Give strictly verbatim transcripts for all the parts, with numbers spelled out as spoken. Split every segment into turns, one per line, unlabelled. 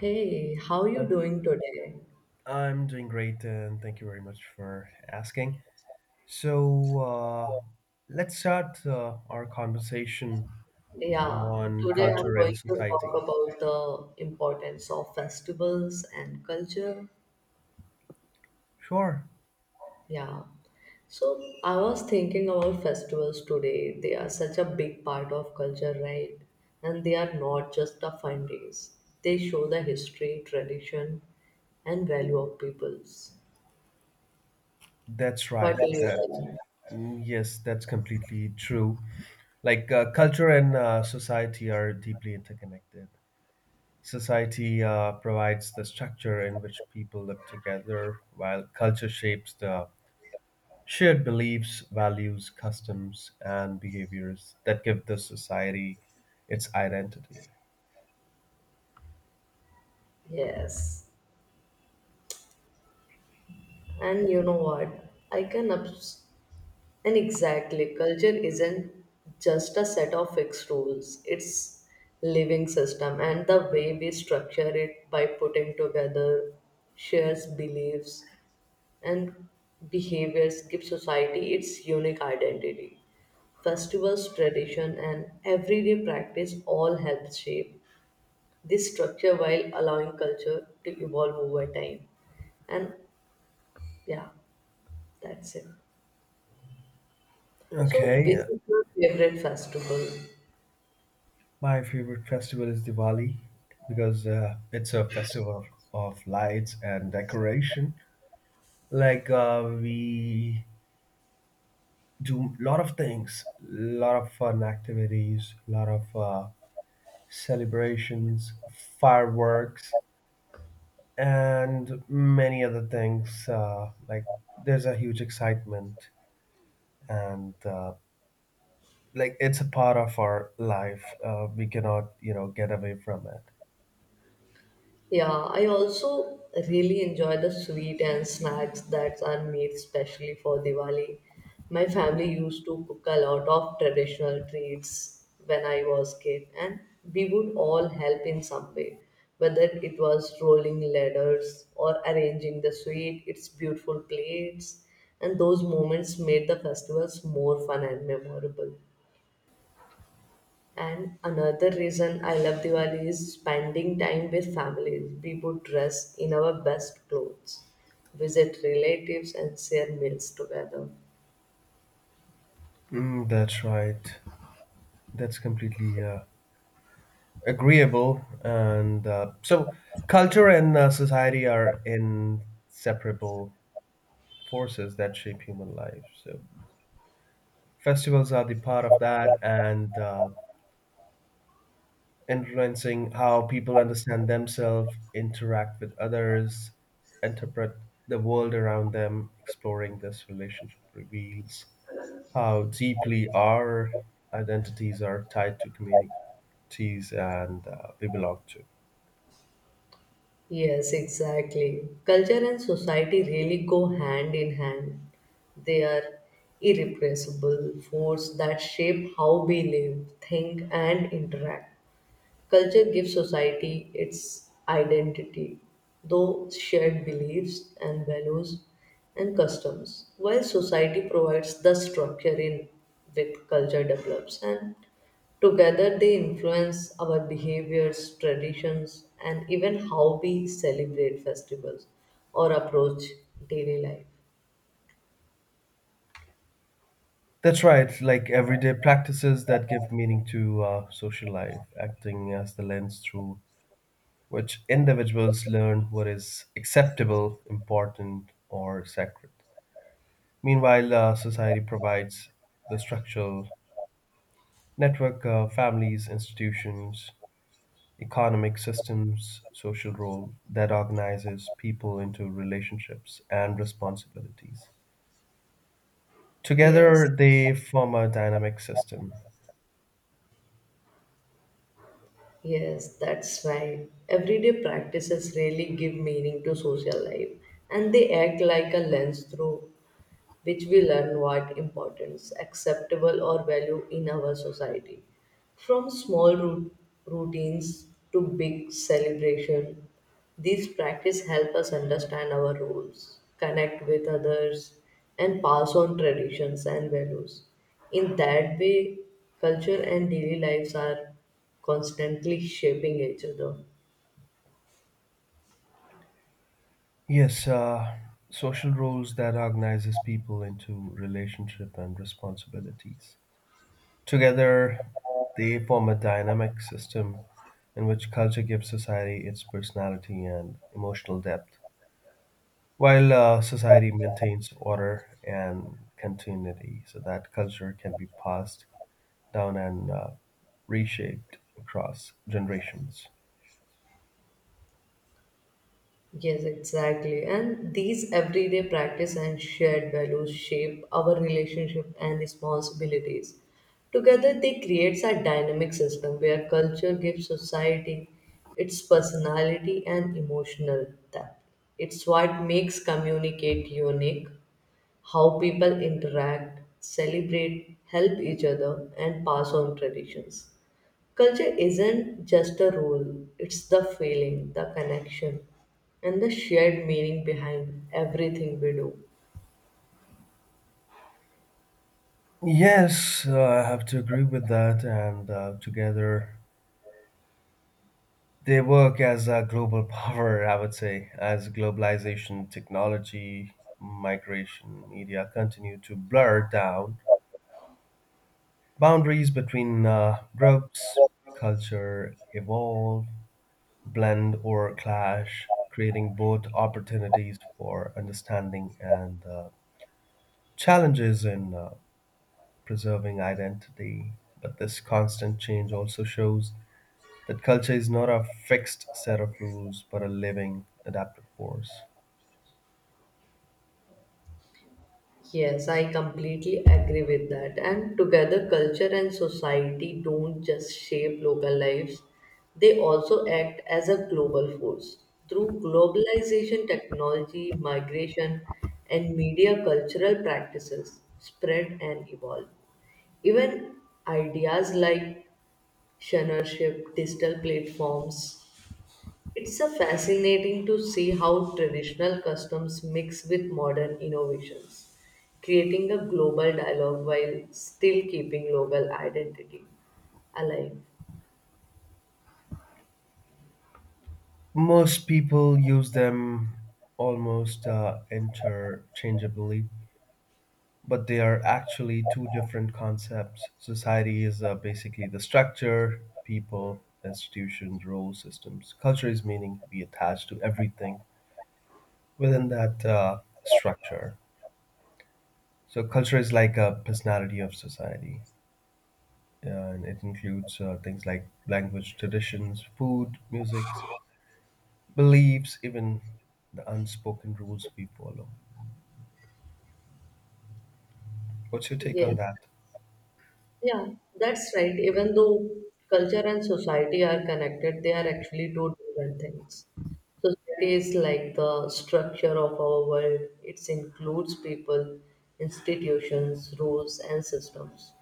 Hey, how you
Uh,
doing today?
I'm doing great, and thank you very much for asking. So, uh, let's start uh, our conversation
Yeah,
on
today I'm
culture and
going to
society.
talk about the importance of festivals and culture.
Sure,
Yeah. So I was thinking about festivals today. They are such a big part of culture, right? And they are not just the fun days. They show the history, tradition, and value of peoples.
that's
What
right.
do you
That's
think?
mm, yes, that's completely true. Like uh, culture and uh, society are deeply interconnected. Society uh, provides the structure in which people live together, while culture shapes the shared beliefs, values, customs, and behaviors that give the society its identity.
Yes. And you know what? I can abs- And exactly, culture isn't just a set of fixed rules. It's living system and the way we structure it by putting together shares beliefs and behaviors give society its unique identity. Festivals, tradition and everyday practice all help shape this structure while allowing culture to evolve over time. And yeah, that's it. So,
Okay,
which
uh,
is your favorite festival?
my favorite festival is Diwali because uh, it's a festival of lights and decoration. Like uh, we do a lot of things, a lot of fun activities, a lot of uh, celebrations, fireworks, and many other things. Uh, like there's a huge excitement and uh, like it's a part of our life uh, we cannot you know get away from it.
Yeah, I also really enjoy the sweet and snacks that are made specially for Diwali. My family used to cook a lot of traditional treats when I was kid, and we would all help in some way, whether it was rolling ladders or arranging the sweet, its beautiful plates, and those moments made the festivals more fun and memorable. And another reason I love Diwali is spending time with families. We would dress in our best clothes, visit relatives, and share meals together.
Mm, that's right, that's completely uh, agreeable. And uh, so culture and uh, society are inseparable forces that shape human life, so festivals are the part of that and uh, influencing how people understand themselves, interact with others, interpret the world around them. Exploring this relationship reveals how deeply our identities are tied to communities and uh, we belong to.
Yes, exactly. Culture and society really go hand in hand. They are irrepressible force that shape how we live, think, and interact. Culture gives society its identity, those shared beliefs and values and customs, while society provides the structure in which culture develops, and together they influence our behaviors, traditions, and even how we celebrate festivals or approach daily life.
That's right, like everyday practices that give meaning to uh, social life, acting as the lens through which individuals learn what is acceptable, important, or sacred. Meanwhile, uh, society provides the structural network, uh, families, institutions, economic systems, social role that organizes people into relationships and responsibilities.
Yes.
Together, they form a dynamic system.
Yes, that's why everyday practices really give meaning to social life and they act like a lens through which we learn what importance, acceptable, or value in our society. From small rut- routines to big celebration, these practices help us understand our roles, connect with others, and pass on traditions and values. In that way, culture and daily lives are constantly shaping each other.
Yes, uh, social roles that organizes people into relationship and responsibilities. Together, they form a dynamic system in which culture gives society its personality and emotional depth, while uh, society maintains order and continuity so that culture can be passed down and uh, reshaped across generations.
Yes, exactly. And these everyday practice and shared values shape our relationship and responsibilities. Together, they creates a dynamic system where culture gives society its personality and emotional depth. It's what makes communicate unique, how people interact, celebrate, help each other, and pass on traditions. Culture isn't just a rule, it's the feeling, the connection, and the shared meaning behind everything we do.
Yes, uh, I have to agree with that. And uh, together, they work as a global power, I would say, as globalization, technology, migration, media continue to blur down boundaries between uh, groups, culture evolve, blend, or clash, creating both opportunities for understanding and uh, challenges in uh, preserving identity. But this constant change also shows that culture is not a fixed set of rules, but a living, adaptive force.
Yes, I completely agree with that. And together, culture and society don't just shape local lives, they also act as a global force. Through globalization, technology, migration, and media, cultural practices spread and evolve. Even ideas like ownership, digital platforms. It's a fascinating to see how traditional customs mix with modern innovations, creating a global dialogue while still keeping local identity alive.
Most people use them almost uh, interchangeably, but they are actually two different concepts. Society is uh, basically the structure, people, institutions, role systems. Culture is meaning we attach to everything within that uh, structure. So culture is like a personality of society, and it includes uh, things like language, traditions, food, music, beliefs, even the unspoken rules we follow. What's your take
Yes.
on that?
Yeah, that's right. Even though culture and society are connected, they are actually two different things. Society is like the structure of our world. It includes people, institutions, rules, and systems,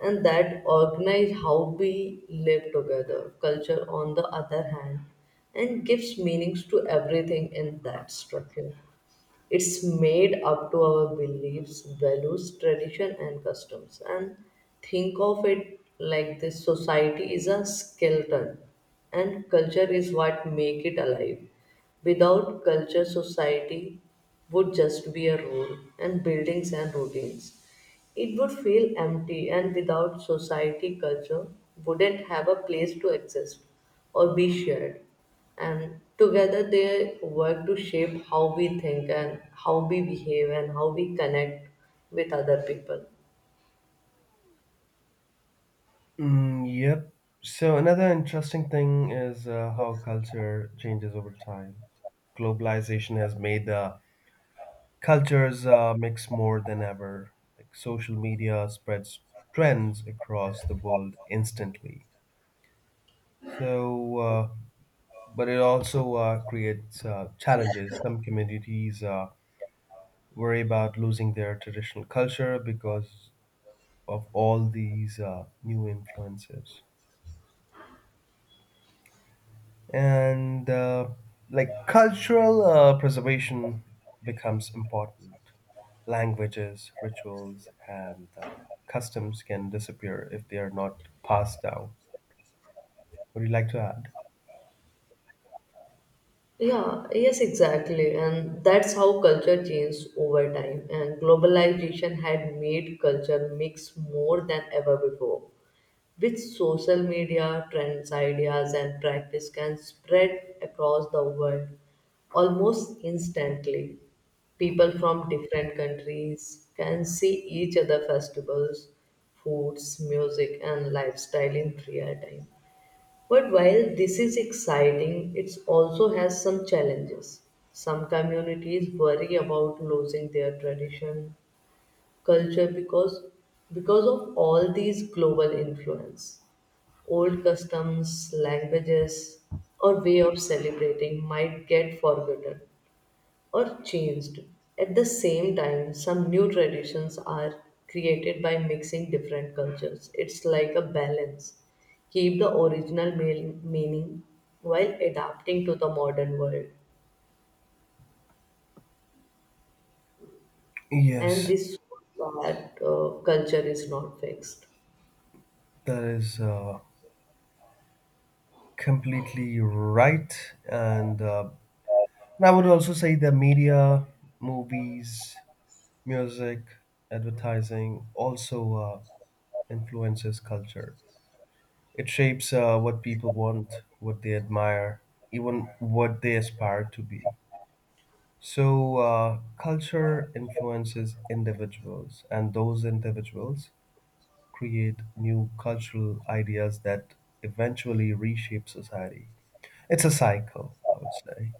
and that organize how we live together. Culture, on the other hand, and gives meanings to everything in that structure. It's made up to our beliefs, values, tradition, and customs. And think of it like this: society is a skeleton, and culture is what make it alive. Without culture, society would just be a rule and buildings and routines. It would feel empty, and without society, culture wouldn't have a place to exist or be shared. And together, they work to shape how we think and how we behave and how we connect with other people.
Mm, yep. So another interesting thing is uh, how culture changes over time. Globalization has made uh, cultures uh, mix more than ever. Like, social media spreads trends across the world instantly. So uh, but it also uh, creates uh, challenges. Some communities uh, worry about losing their traditional culture because of all these uh, new influences. And uh, like, cultural uh, preservation becomes important. Languages, rituals, and uh, customs can disappear if they are not passed down. Would you like to add?
Yeah, yes, exactly. And that's how culture changed over time. And globalization had made culture mix more than ever before. With social media, trends, ideas, and practice can spread across the world almost instantly. People from different countries can see each other festivals, foods, music, and lifestyle in real time. But while this is exciting, it also has some challenges. Some communities worry about losing their tradition, culture because because of all these global influence. Old customs, languages, or way of celebrating might get forgotten or changed. At the same time, some new traditions are created by mixing different cultures. It's like a balance. Keep the original mean- meaning while adapting to the modern world. And
Yes,
this is that uh, culture is not fixed.
that is uh, completely right. And uh, And I would also say the media, movies, music, advertising also uh, influences culture. It shapes uh, what people want, what they admire, even what they aspire to be. So, uh, culture influences individuals, and those individuals create new cultural ideas that eventually reshape society. It's a cycle, I would say,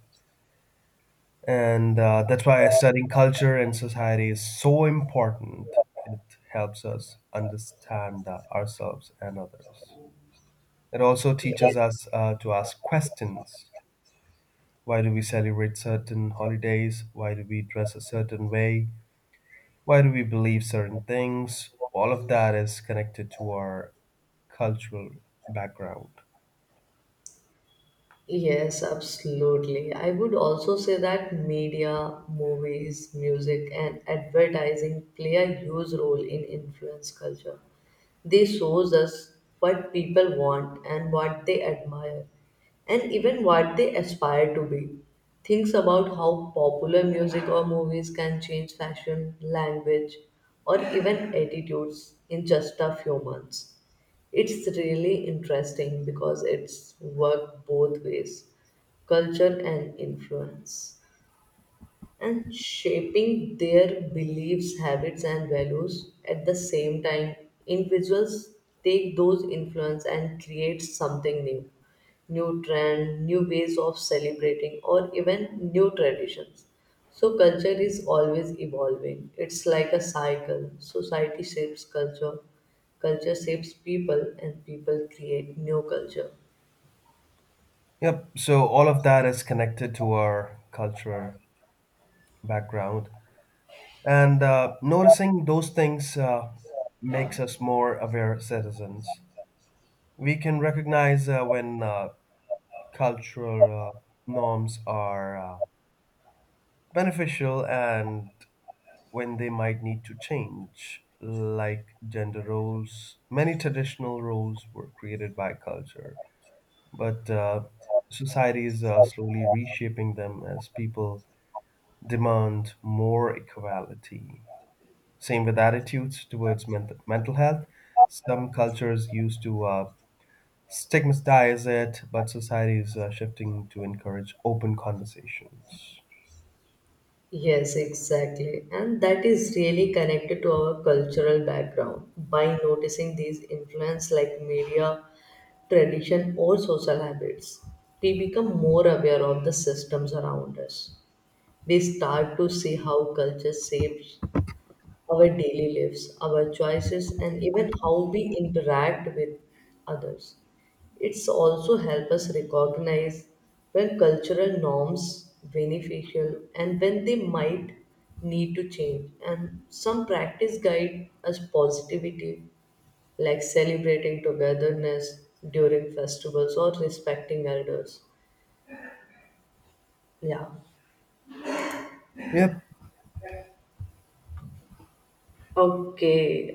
and uh, that's why studying culture and society is so important. It helps us understand uh, ourselves and others. It also teaches
Yes.
us uh, to ask questions. Why do we celebrate certain holidays? Why do we dress a certain way? Why do we believe certain things? All of that is connected to our cultural background.
Yes, absolutely. I would also say that media, movies, music, and advertising play a huge role in influence culture. They shows us what people want and what they admire, and even what they aspire to be. Things about how popular music or movies can change fashion, language, or even attitudes in just a few months. It's really interesting because it's worked both ways culture and influence and shaping their beliefs, habits, and values at the same time. Individuals take those influence and create something new, new trend, new ways of celebrating, or even new traditions. So culture is always evolving. It's like a cycle. Society shapes culture, culture shapes people, and people create new culture.
Yep. So all of that is connected to our cultural background. And uh, noticing those things uh, makes us more aware citizens. We can recognize uh, when uh, cultural uh, norms are uh, beneficial and when they might need to change, like gender roles. Many traditional roles were created by culture, but uh, society is uh, slowly reshaping them as people demand more equality. Same with attitudes towards men- mental health. Some cultures used to uh, stigmatize it, but society is uh, shifting to encourage open conversations.
Yes, exactly. And that is really connected to our cultural background. By noticing these influence like media, tradition, or social habits, we become more aware of the systems around us. We start to see how culture shapes our daily lives, our choices, and even how we interact with others. It's also help us recognize when cultural norms beneficial and when they might need to change. And some practice guide us positivity, like celebrating togetherness during festivals or respecting elders. Yeah.
Yep.
Okay,